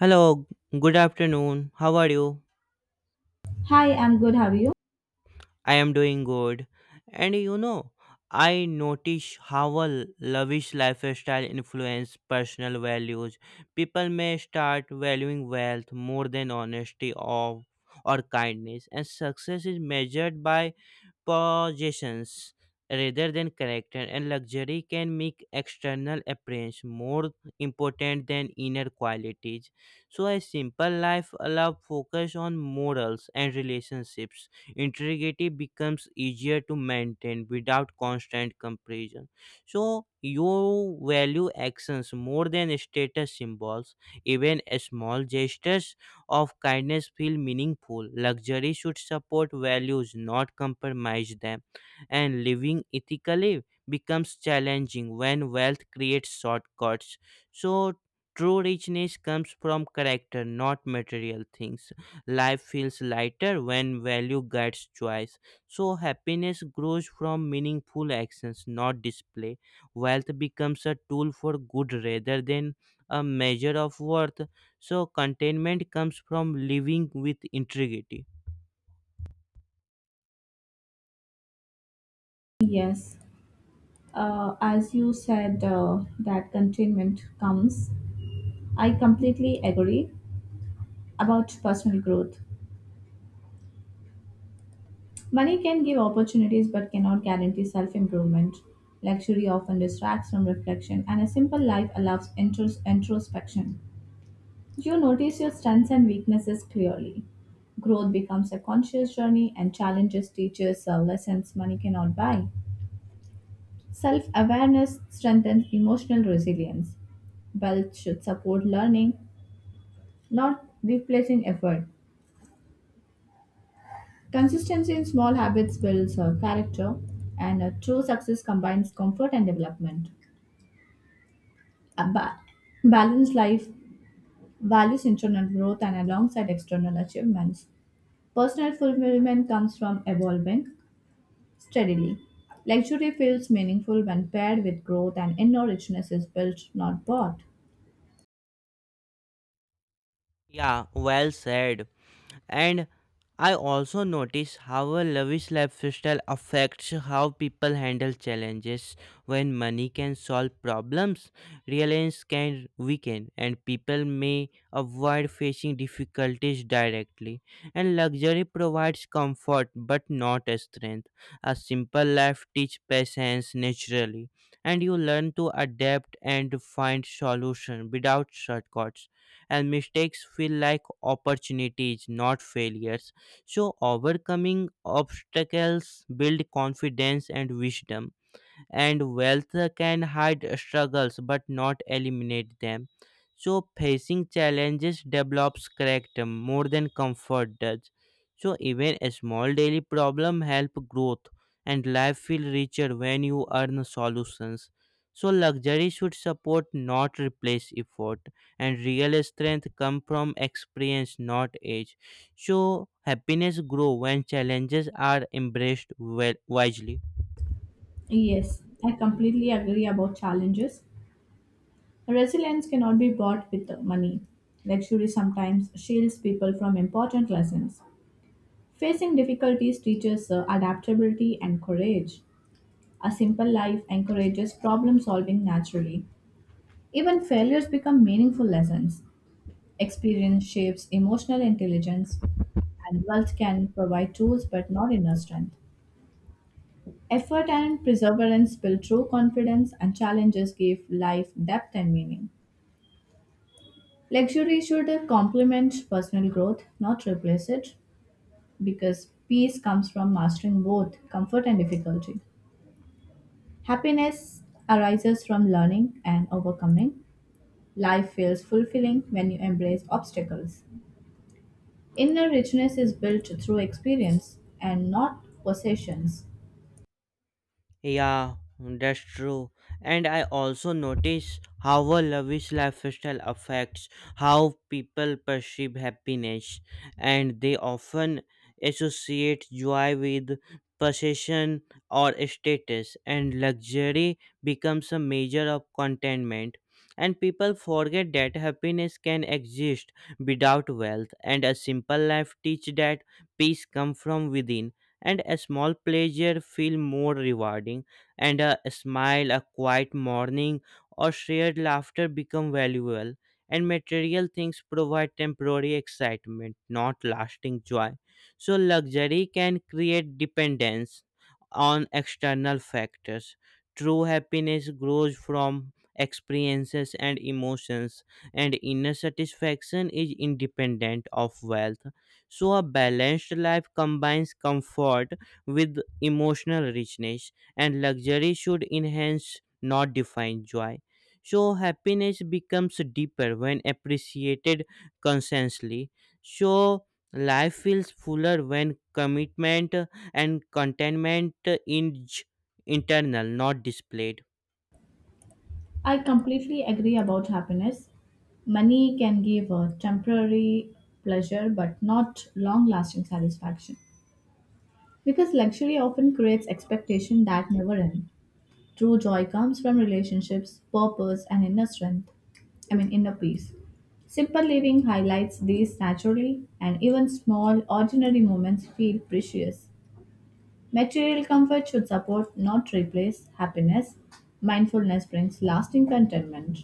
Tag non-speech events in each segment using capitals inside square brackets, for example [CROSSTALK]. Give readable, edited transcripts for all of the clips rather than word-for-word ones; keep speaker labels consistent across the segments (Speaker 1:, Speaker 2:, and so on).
Speaker 1: Hello, good afternoon. How are you?
Speaker 2: Hi, I'm good. How are you?
Speaker 1: I am doing good. And you know, I notice how a lavish lifestyle influences personal values. People may start valuing wealth more than honesty or kindness, and success is measured by possessions rather than character, and luxury can make external appearance more important than inner qualities. So, a simple life allows focus on morals and relationships. Integrity becomes easier to maintain without constant comparison. So, you value actions more than status symbols, even small gestures of kindness feel meaningful. Luxury should support values, not compromise them. And living ethically becomes challenging when wealth creates shortcuts. So, true richness comes from character, not material things. Life feels lighter when value guides choice. So, happiness grows from meaningful actions, not display. Wealth becomes a tool for good rather than a measure of worth. So, containment comes from living with integrity.
Speaker 2: Yes. As you said, that containment comes. I completely agree about personal growth. Money can give opportunities but cannot guarantee self improvement. Luxury often distracts from reflection, and a simple life allows introspection. You notice your strengths and weaknesses clearly. Growth becomes a conscious journey, and challenges teaches lessons money cannot buy. Self awareness strengthens emotional resilience. Wealth should support learning, not replacing effort. Consistency in small habits builds character, and true success combines comfort and development. A balanced life values internal growth and alongside external achievements. Personal fulfillment comes from evolving steadily. Luxury feels meaningful when paired with growth, and inner richness is built, not bought.
Speaker 1: Yeah, well said. And I also notice how a lavish lifestyle affects how people handle challenges. When money can solve problems, reliance can weaken, and people may avoid facing difficulties directly. And luxury provides comfort but not strength. A simple life teaches patience naturally, and you learn to adapt and find solutions without shortcuts and mistakes feel like opportunities, not failures. So, overcoming obstacles build confidence and wisdom and wealth can hide struggles but not eliminate them. So, facing challenges develops character more than comfort does. So, even a small daily problem help growth, and life feel richer when you earn solutions. So, luxury should support, not replace effort, and real strength come from experience, not age. So, happiness grow when challenges are embraced wisely.
Speaker 2: Yes, I completely agree about challenges. Resilience cannot be bought with money. Luxury sometimes shields people from important lessons. Facing difficulties teaches adaptability and courage. A simple life encourages problem solving naturally. Even failures become meaningful lessons. Experience shapes emotional intelligence, and wealth can provide tools but not inner strength. Effort and perseverance build true confidence, and challenges give life depth and meaning. Luxury should complement personal growth, not replace it, because peace comes from mastering both comfort and difficulty. Happiness arises from learning and overcoming. Life feels fulfilling when you embrace obstacles. Inner richness is built through experience and not possessions.
Speaker 1: Yeah, that's true. And I also notice how a lavish lifestyle affects how people perceive happiness, and they often associate joy with possession or status, and luxury becomes a measure of contentment. And people forget that happiness can exist without wealth, and a simple life teaches that peace comes from within and a small pleasure feel more rewarding and a smile a quiet morning or shared laughter become valuable and material things provide temporary excitement not lasting joy so luxury can create dependence on external factors true happiness grows from experiences and emotions and inner satisfaction is independent of wealth so, a balanced life combines comfort with emotional richness, and luxury should enhance, not define, joy. So, happiness becomes deeper when appreciated consciously. So, life feels fuller when commitment and contentment is internal, not displayed.
Speaker 2: I completely agree about happiness. Money can give a temporary pleasure but not long lasting satisfaction. Because luxury often creates expectation that never end. True joy comes from relationships, purpose, and inner strength. I mean, inner peace. Simple living highlights these naturally, and even small, ordinary moments feel precious. Material comfort should support, not replace, happiness. Mindfulness brings lasting contentment.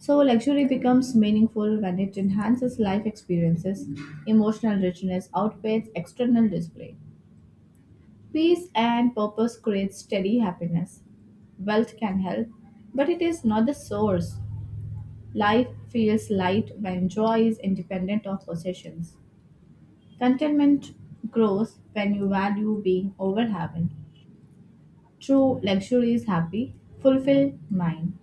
Speaker 2: So, luxury becomes meaningful when it enhances life experiences. Emotional richness outweighs external display. Peace and purpose create steady happiness. Wealth can help, but it is not the source. Life feels light when joy is independent of possessions. Contentment grows when you value being over having. True luxury is happy, fulfilled mind.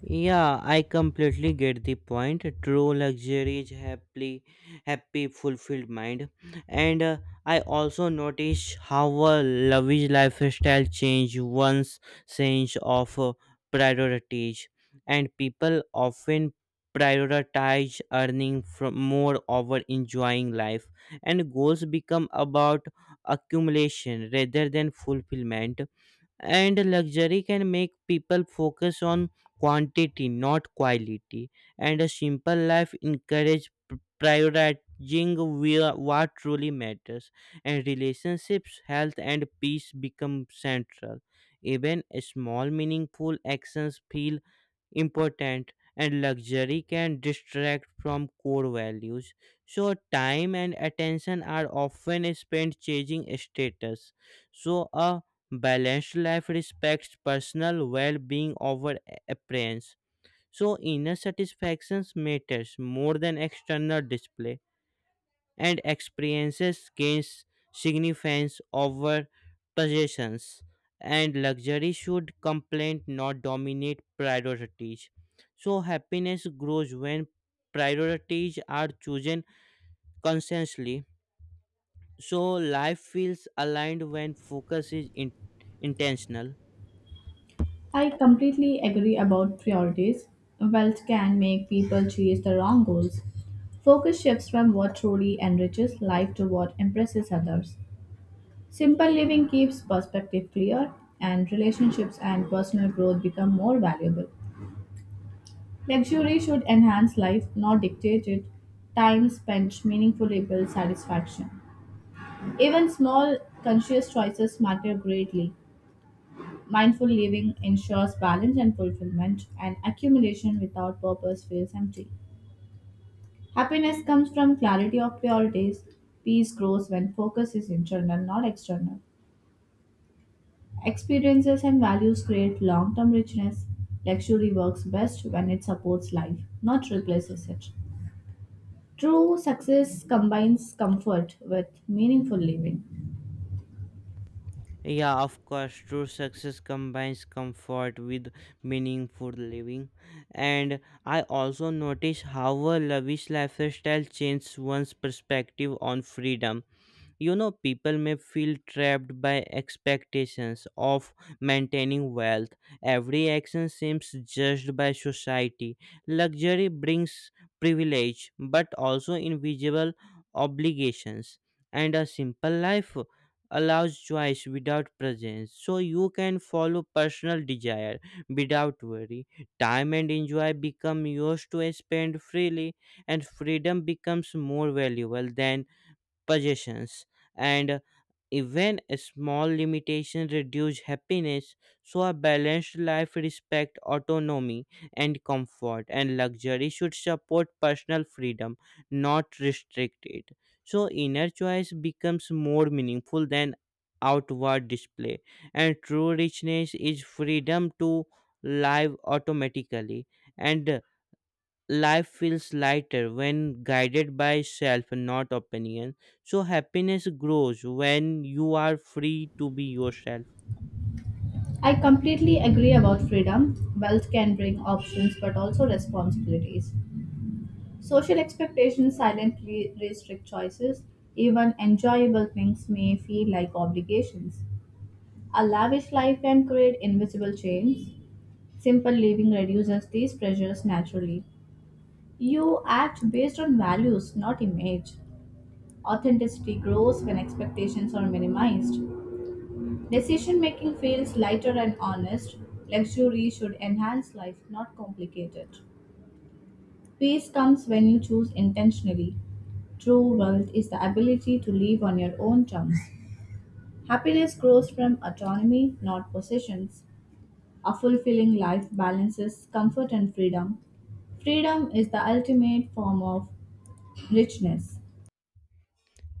Speaker 1: Yeah, I completely get the point. True luxury is happily happy, fulfilled mind. And I also notice how a lavish lifestyle change one's sense of priorities, and people often prioritize earning from more over enjoying life, and goals become about accumulation rather than fulfillment and luxury can make people focus on quantity not quality and a simple life encourage prioritizing what truly matters and relationships health and peace become central even small meaningful actions feel important and luxury can distract from core values. So, time and attention are often spent chasing status. So, a balanced life respects personal well being over appearance. So, inner satisfaction matters more than external display and experiences gains significance over possessions and luxury should complaint not dominate priorities so happiness grows when priorities are chosen consciously so life feels aligned when focus is intentional.
Speaker 2: I completely agree about priorities. Wealth can make people chase the wrong goals. Focus shifts from what truly enriches life to what impresses others. Simple living keeps perspective clear, and relationships and personal growth become more valuable. Luxury should enhance life, not dictate it. Time spent meaningfully builds satisfaction. Even small, conscious choices matter greatly. Mindful living ensures balance and fulfillment, and accumulation without purpose feels empty. Happiness comes from clarity of priorities. Peace grows when focus is internal, not external. Experiences and values create long term richness. Luxury works best when it supports life, not replaces it. True success combines comfort with meaningful living.
Speaker 1: Yeah, of course, true success combines comfort with meaningful living. And I also notice how a lavish lifestyle changes one's perspective on freedom. You know, people may feel trapped by expectations of maintaining wealth. Every action seems judged by society. Luxury brings privilege, but also invisible obligations. And a simple life allows choice without presence. So you can follow personal desire without worry. Time and enjoy become yours to spend freely, and freedom becomes more valuable than possessions and even a small limitation reduce happiness so a balanced life respect autonomy and comfort and luxury should support personal freedom not restrict it so inner choice becomes more meaningful than outward display and true richness is freedom to live automatically and life feels lighter when guided by self and not opinion so happiness grows when you are free to be yourself.
Speaker 2: I completely agree about freedom. Wealth can bring options but also responsibilities. Social expectations silently restrict choices. Even enjoyable things may feel like obligations. A lavish life can create invisible chains. Simple living reduces these pressures naturally. You act based on values, not image. Authenticity grows when expectations are minimized. Decision making feels lighter and honest. Luxury should enhance life, not complicate it. Peace comes when you choose intentionally. True wealth is the ability to live on your own terms. Happiness grows from autonomy, not possessions. A fulfilling life balances comfort and freedom. Freedom is the ultimate form of richness.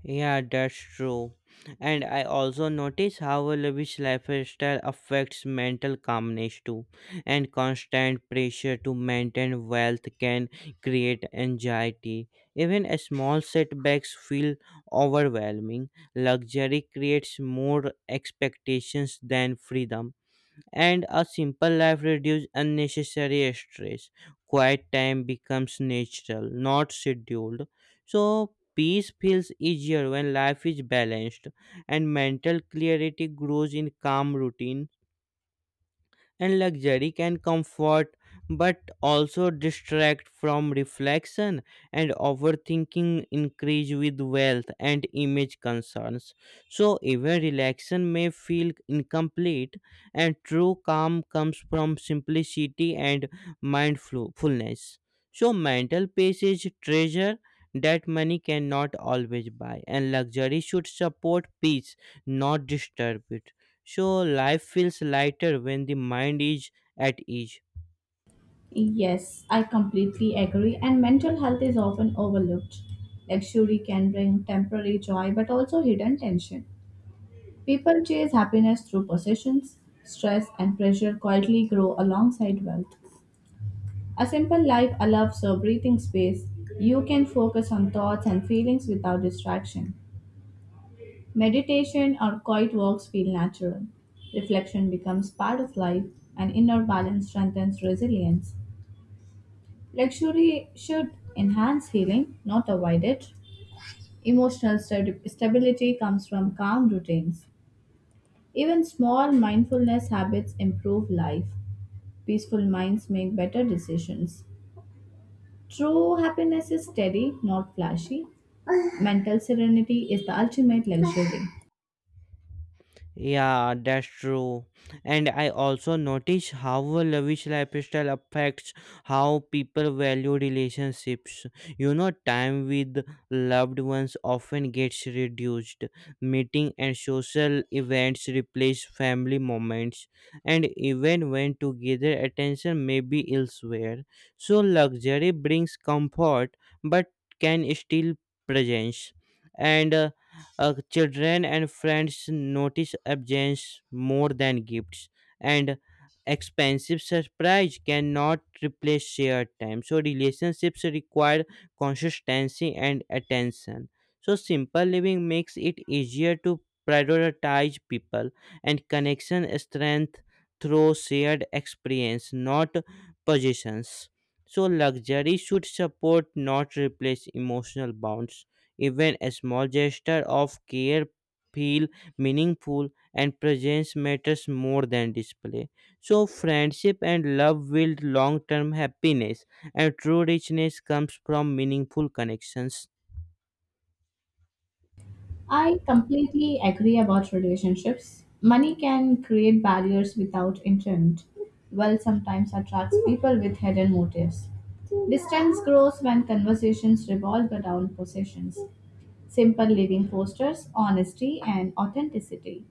Speaker 1: Yeah, that's true. And I also notice how a lavish lifestyle affects mental calmness too and constant pressure to maintain wealth can create anxiety even a small setbacks feel overwhelming luxury creates more expectations than freedom and a simple life reduces unnecessary stress. Quiet time becomes natural, not scheduled. So peace feels easier when life is balanced and mental clarity grows in calm routine and luxury can comfort but also distract from reflection and overthinking increase with wealth and image concerns so even relaxation may feel incomplete and true calm comes from simplicity and mindfulness so mental peace is treasure that money cannot always buy and luxury should support peace not disturb it so life feels lighter when the mind is at ease.
Speaker 2: Yes, I completely agree. And mental health is often overlooked. Luxury can bring temporary joy but also hidden tension. People chase happiness through possessions, stress, and pressure quietly grow alongside wealth. A simple life allows a breathing space. You can focus on thoughts and feelings without distraction. Meditation or quiet walks feel natural. Reflection becomes part of life, and inner balance strengthens resilience. Luxury should enhance healing, not avoid it. Emotional stability comes from calm routines. Even small mindfulness habits improve life. Peaceful minds make better decisions. True happiness is steady, not flashy. Mental serenity is the ultimate luxury.
Speaker 1: Yeah, that's true. And I also notice how a lavish lifestyle affects how people value relationships. You know, time with loved ones often gets reduced. Meeting and social events replace family moments, and even when together, attention may be elsewhere. So, luxury brings comfort but can steal presence. And children and friends notice absence more than gifts, and expensive surprise cannot replace shared time. So relationships require consistency and attention. So simple living makes it easier to prioritize people and connection strength through shared experience, not possessions. So luxury should support, not replace emotional bonds even a small gesture of care feel meaningful and presence matters more than display. So friendship and love build long-term happiness and true richness comes from meaningful connections.
Speaker 2: I completely agree about relationships. Money can create barriers without intent, while sometimes attracts people with hidden motives. Distance grows when conversations revolve around possessions. Simple living fosters honesty and authenticity.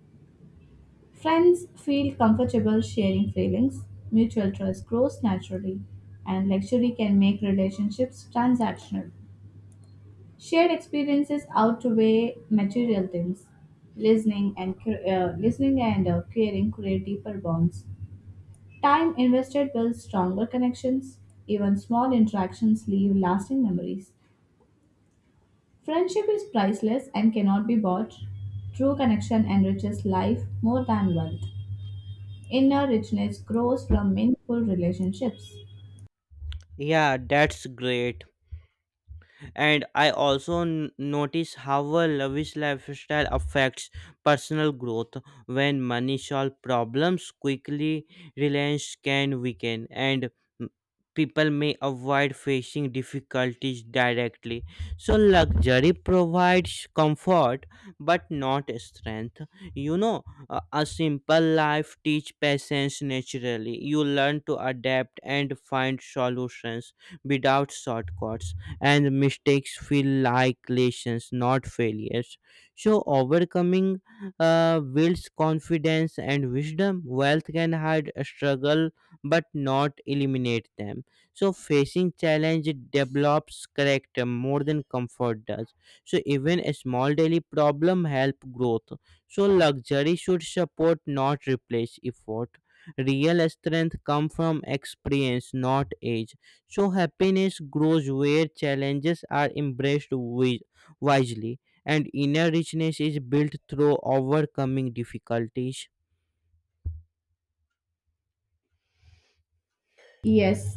Speaker 2: Friends feel comfortable sharing feelings, mutual trust grows naturally, and luxury can make relationships transactional. Shared experiences outweigh material things. Listening and caring create deeper bonds. Time invested builds stronger connections. Even small interactions leave lasting memories. Friendship is priceless and cannot be bought. True connection enriches life more than wealth. Inner richness grows from meaningful relationships.
Speaker 1: Yeah, that's great. And I also notice how a lavish lifestyle affects personal growth when money solves problems quickly reliance can weaken and m- people may avoid facing difficulties directly so luxury provides comfort but not strength. You know, a simple life teach patience naturally you learn to adapt and find solutions without shortcuts and mistakes feel like lessons, not failures. So, overcoming builds confidence and wisdom. Wealth can hide a struggle but not eliminate them. So, facing challenge develops character more than comfort does. So, even a small daily problem help growth. So, luxury should support, not replace effort. Real strength come from experience, not age. So happiness grows where challenges are embraced wisely, and inner richness is built through overcoming difficulties.
Speaker 2: Yes,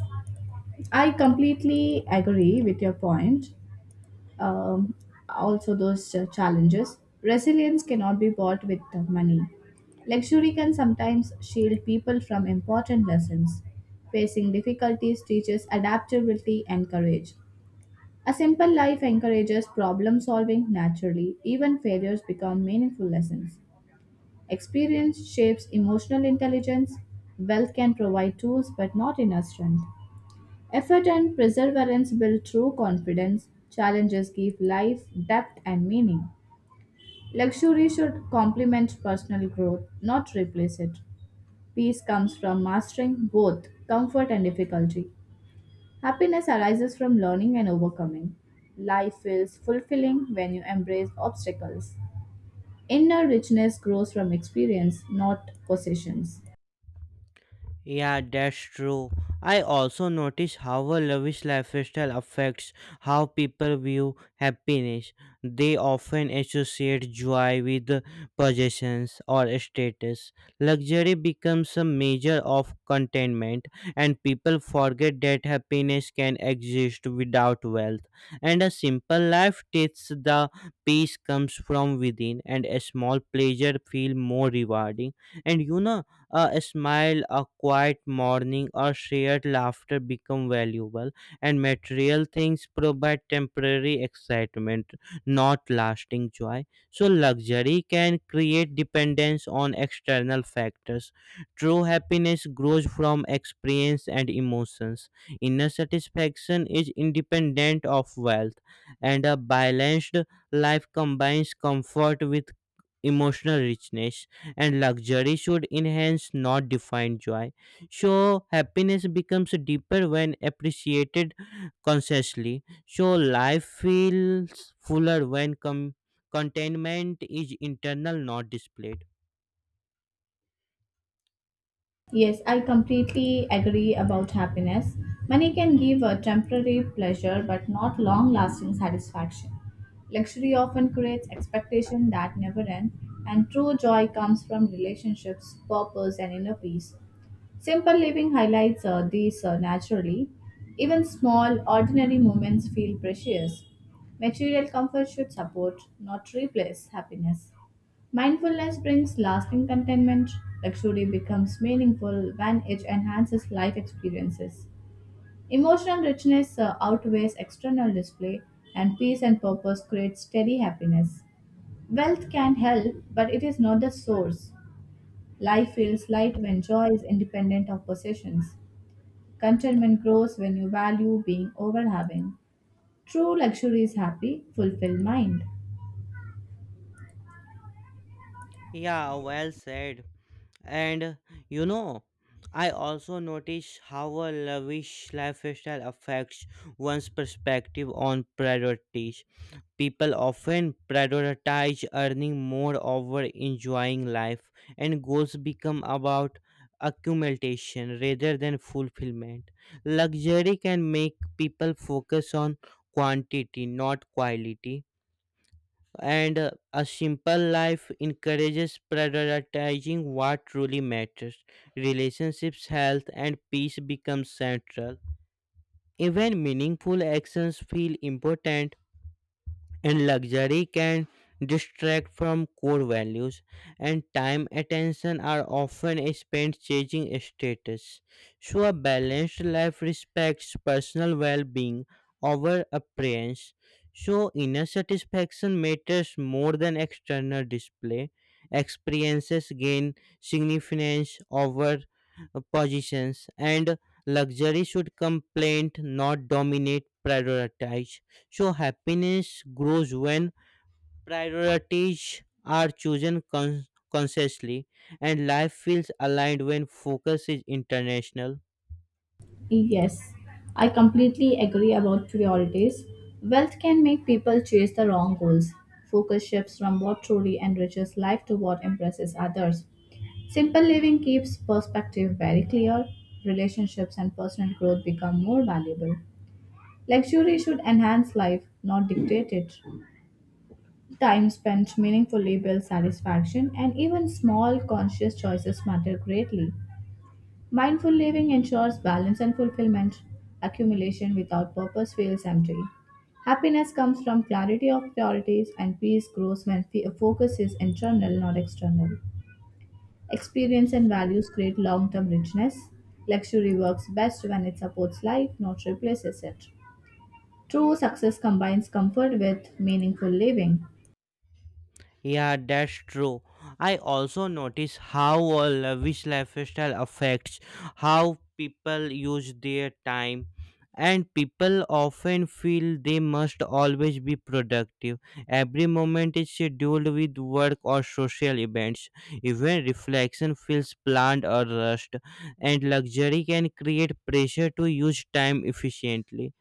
Speaker 2: I completely agree with your point. um, Also those challenges. Resilience cannot be bought with money. Luxury can sometimes shield people from important lessons. Facing difficulties teaches adaptability and courage. A simple life encourages problem solving naturally. Even failures become meaningful lessons. Experience shapes emotional intelligence. Wealth can provide tools but not inner strength. Effort and perseverance build true confidence. Challenges give life depth and meaning. Luxury should complement personal growth, not replace it. Peace comes from mastering both comfort and difficulty. Happiness arises from learning and overcoming. Life feels fulfilling when you embrace obstacles. Inner richness grows from experience, not possessions.
Speaker 1: Yeah, that's true. I also notice how a lavish lifestyle affects how people view happiness. They often associate joy with possessions or status. Luxury becomes a measure of contentment, and people forget that happiness can exist without wealth. And a simple life teaches the peace comes from within, and a small pleasure feel more rewarding. And you know, a smile, a quiet morning, or shared laughter become valuable, and material things provide temporary excitement, not lasting joy. So, luxury can create dependence on external factors. True happiness grows from experience and emotions. Inner satisfaction is independent of wealth, and a balanced life combines comfort with emotional richness and luxury should enhance, not define joy. So, happiness becomes deeper when appreciated consciously. So, life feels fuller when contentment is internal, not displayed.
Speaker 2: Yes, I completely agree about happiness. Money can give a temporary pleasure but not long lasting satisfaction. Luxury often creates expectations that never end, and true joy comes from relationships, purpose, and inner peace. Simple living highlights these naturally. Even small, ordinary moments feel precious. Material comfort should support, not replace, happiness. Mindfulness brings lasting contentment. Luxury becomes meaningful when it enhances life experiences. Emotional richness outweighs external display, and peace and purpose create steady happiness. Wealth can help, but it is not the source. Life feels light when joy is independent of possessions. Contentment grows when you value being over having. True luxury is happy, fulfilled mind.
Speaker 1: Yeah, well said. And you know, I also notice how a lavish lifestyle affects one's perspective on priorities. People often prioritize earning more over enjoying life, and goals become about accumulation rather than fulfillment. Luxury can make people focus on quantity, not quality. And a simple life encourages prioritizing what truly matters. Relationships, health, and peace become central. Even meaningful actions feel important and luxury can distract from core values and time attention are often spent chasing status so a balanced life respects personal well-being over appearance so inner satisfaction matters more than external display experiences gain significance over positions and luxury should complement not dominate prioritize so happiness grows when priorities are chosen consciously and life feels aligned when focus is international.
Speaker 2: Yes, I completely agree about priorities. Wealth can make people chase the wrong goals. Focus shifts from what truly enriches life to what impresses others. Simple living keeps perspective very clear. Relationships and personal growth become more valuable. Luxury should enhance life, not dictate it. Time spent meaningfully builds satisfaction, and even small conscious choices matter greatly. Mindful living ensures balance and fulfillment. Accumulation without purpose feels empty. Happiness comes from clarity of priorities, and peace grows when focus is internal, not external. Experience and values create long term richness. Luxury works best when it supports life, not replaces it. True success combines comfort with meaningful living.
Speaker 1: Yeah, that's true. I also notice how a lavish lifestyle affects how people use their time, and people often feel they must always be productive. Every moment is scheduled with work or social events. Even reflection feels planned or rushed, and luxury can create pressure to use time efficiently.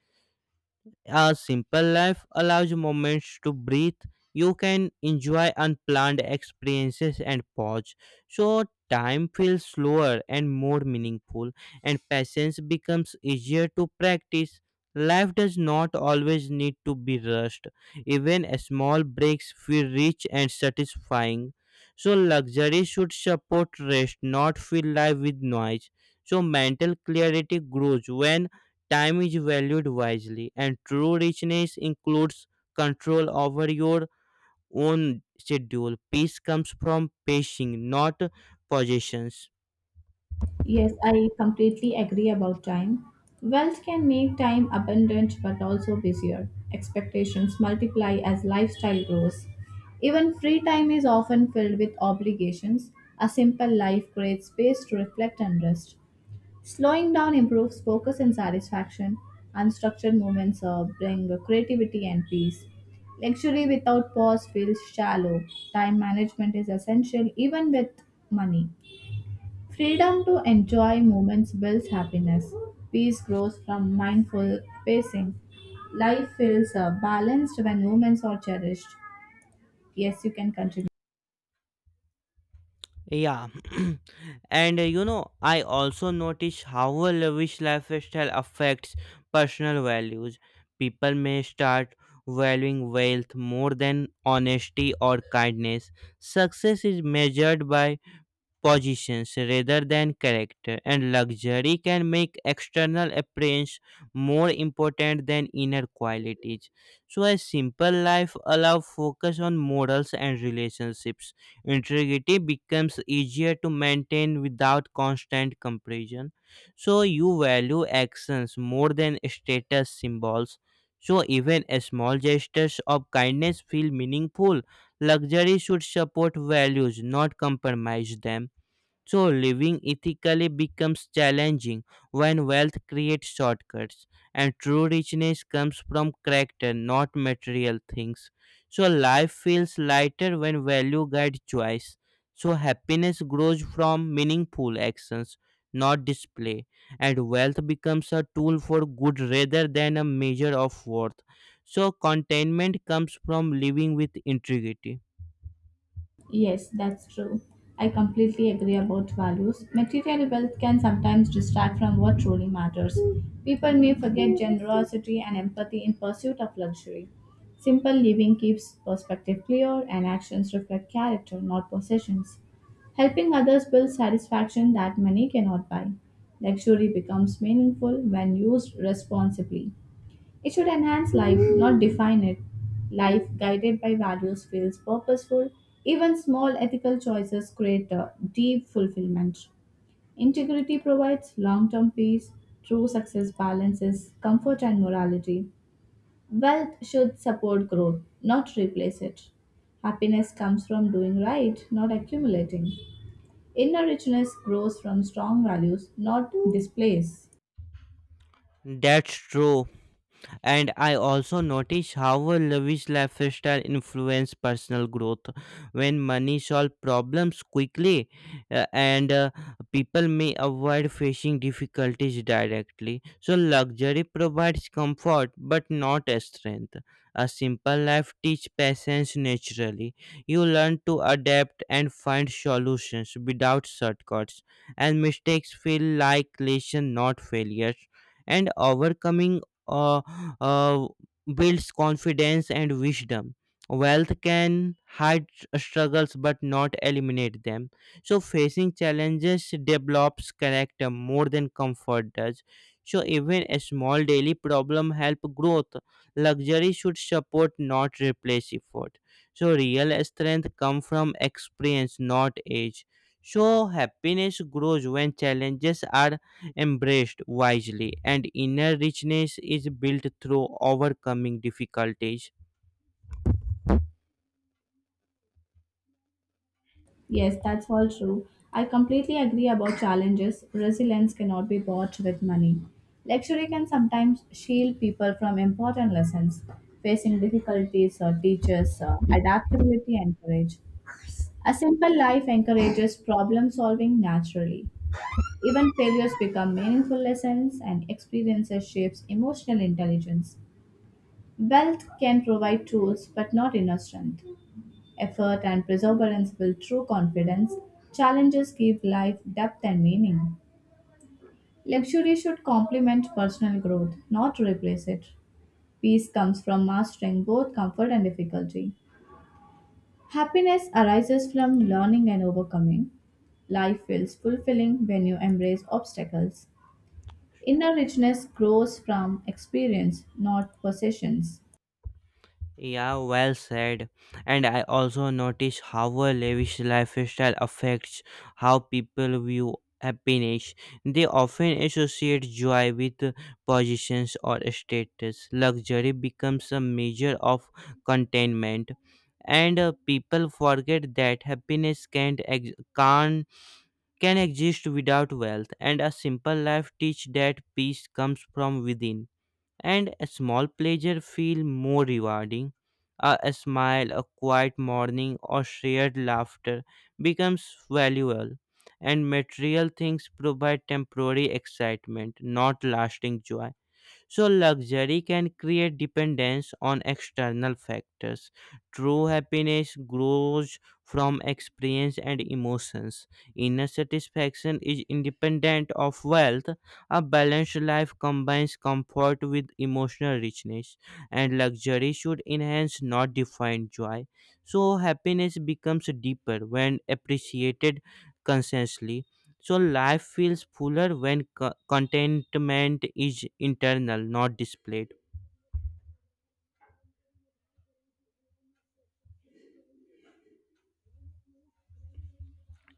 Speaker 1: A simple life allows moments to breathe. You can enjoy unplanned experiences and pause. So time feels slower and more meaningful, and patience becomes easier to practice. Life does not always need to be rushed. Even small breaks feel rich and satisfying. So luxury should support rest, not fill life with noise. So mental clarity grows when time is valued wisely, and true richness includes control over your own schedule. Peace comes from pacing, not possessions.
Speaker 2: Yes, I completely agree about time. Wealth can make time abundant but also busier. Expectations multiply as lifestyle grows. Even free time is often filled with obligations. A simple life creates space to reflect and rest. Slowing down improves focus and satisfaction. Unstructured moments bring creativity and peace. Luxury without pause feels shallow. Time management is essential even with money. Freedom to enjoy moments builds happiness. Peace grows from mindful pacing. Life feels balanced when moments are cherished. Yes, you can continue.
Speaker 1: Yeah, [CLEARS THROAT] and you know, I also notice how a lavish lifestyle affects personal values. People may start valuing wealth more than honesty or kindness. Success is measured by positions rather than character, and luxury can make external appearance more important than inner qualities. So, a simple life allows focus on morals and relationships. Integrity becomes easier to maintain without constant comparison. So, you value actions more than status symbols. So, even a small gestures of kindness feel meaningful. Luxury should support values, not compromise them. So living ethically becomes challenging when wealth creates shortcuts and true richness comes from character, not material things. So life feels lighter when value guides choice. So happiness grows from meaningful actions, not display, and wealth becomes a tool for good rather than a measure of worth. So contentment comes from living with integrity.
Speaker 2: Yes, that's true. I completely agree about values. Material wealth can sometimes distract from what truly matters. People may forget generosity and empathy in pursuit of luxury. Simple living keeps perspective clear and actions reflect character, not possessions. Helping others builds satisfaction that money cannot buy. Luxury becomes meaningful when used responsibly. It should enhance life, not define it. Life guided by values feels purposeful. Even small ethical choices create a deep fulfillment. Integrity provides long term peace. True success balances comfort and morality. Wealth should support growth, not replace it. Happiness comes from doing right, not accumulating. Inner richness grows from strong values, not displays.
Speaker 1: That's true. And I also notice how a lavish lifestyle influence personal growth when money solve problems quickly and people may avoid facing difficulties directly so luxury provides comfort but not strength a simple life teach patience naturally you learn to adapt and find solutions without shortcuts and mistakes feel like lesson not failures and overcoming uh, uh, builds confidence and wisdom. Wealth can hide struggles but not eliminate them. So, facing challenges develops character more than comfort does. So, even a small daily problem help growth. Luxury should support, not replace effort. So, real strength come from experience, not age. So, happiness grows when challenges are embraced wisely, and inner richness is built through overcoming difficulties.
Speaker 2: Yes, that's all true. I completely agree about challenges. Resilience cannot be bought with money. Luxury can sometimes shield people from important lessons, facing difficulties or teaches adaptability and courage. A simple life encourages problem solving naturally. Even failures become meaningful lessons and experiences shapes emotional intelligence. Wealth can provide tools but not inner strength. Effort and perseverance build true confidence. Challenges give life depth and meaning. Luxury should complement personal growth, not replace it. Peace comes from mastering both comfort and difficulty. Happiness arises from learning and overcoming. Life feels fulfilling when you embrace obstacles. Inner richness grows from experience, not possessions.
Speaker 1: Yeah, well said. And I also notice how a lavish lifestyle affects how people view happiness. They often associate joy with positions or status. Luxury becomes a measure of contentment, and people forget that happiness can't ex- can't can exist without wealth, and a simple life teach that peace comes from within, and a small pleasure feel more rewarding. A smile, a quiet morning, or shared laughter becomes valuable, and material things provide temporary excitement, not lasting joy. So, luxury can create dependence on external factors. True happiness grows from experience and emotions. Inner satisfaction is independent of wealth. A balanced life combines comfort with emotional richness, and luxury should enhance, not define, joy. So, happiness becomes deeper when appreciated consciously. So life feels fuller when contentment is internal, not displayed.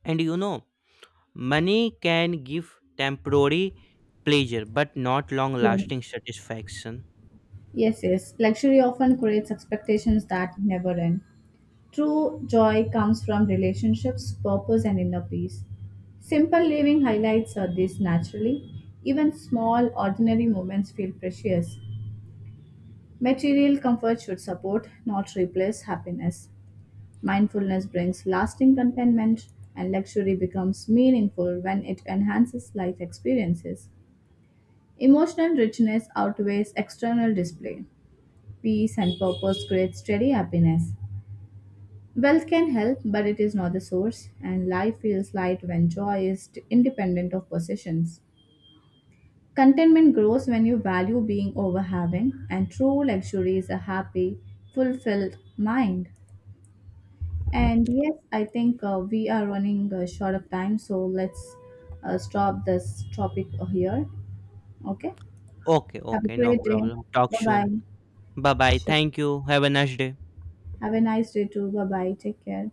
Speaker 1: And you know, money can give temporary pleasure but not long
Speaker 2: Yes.
Speaker 1: lasting satisfaction.
Speaker 2: Yes, yes. Luxury often creates expectations that never end. True joy comes from relationships, purpose, and inner peace. Simple living highlights are this naturally. Even small, ordinary moments feel precious. Material comfort should support, not replace, happiness. Mindfulness brings lasting contentment, and luxury becomes meaningful when it enhances life experiences. Emotional richness outweighs external display. Peace and purpose create steady happiness. Wealth can help, but it is not the source, and life feels light when joy is independent of possessions. Contentment grows when you value being over having, and true luxury is a happy, fulfilled mind. And yes, I think we are running short of time, so let's stop this topic here. Okay,
Speaker 1: Okay,
Speaker 2: have a
Speaker 1: okay, no
Speaker 2: great day.
Speaker 1: problem. Talk
Speaker 2: Bye bye.
Speaker 1: soon. Bye bye.
Speaker 2: Sure.
Speaker 1: Thank you. Have a nice day.
Speaker 2: Have a nice day too. Bye bye. Take care.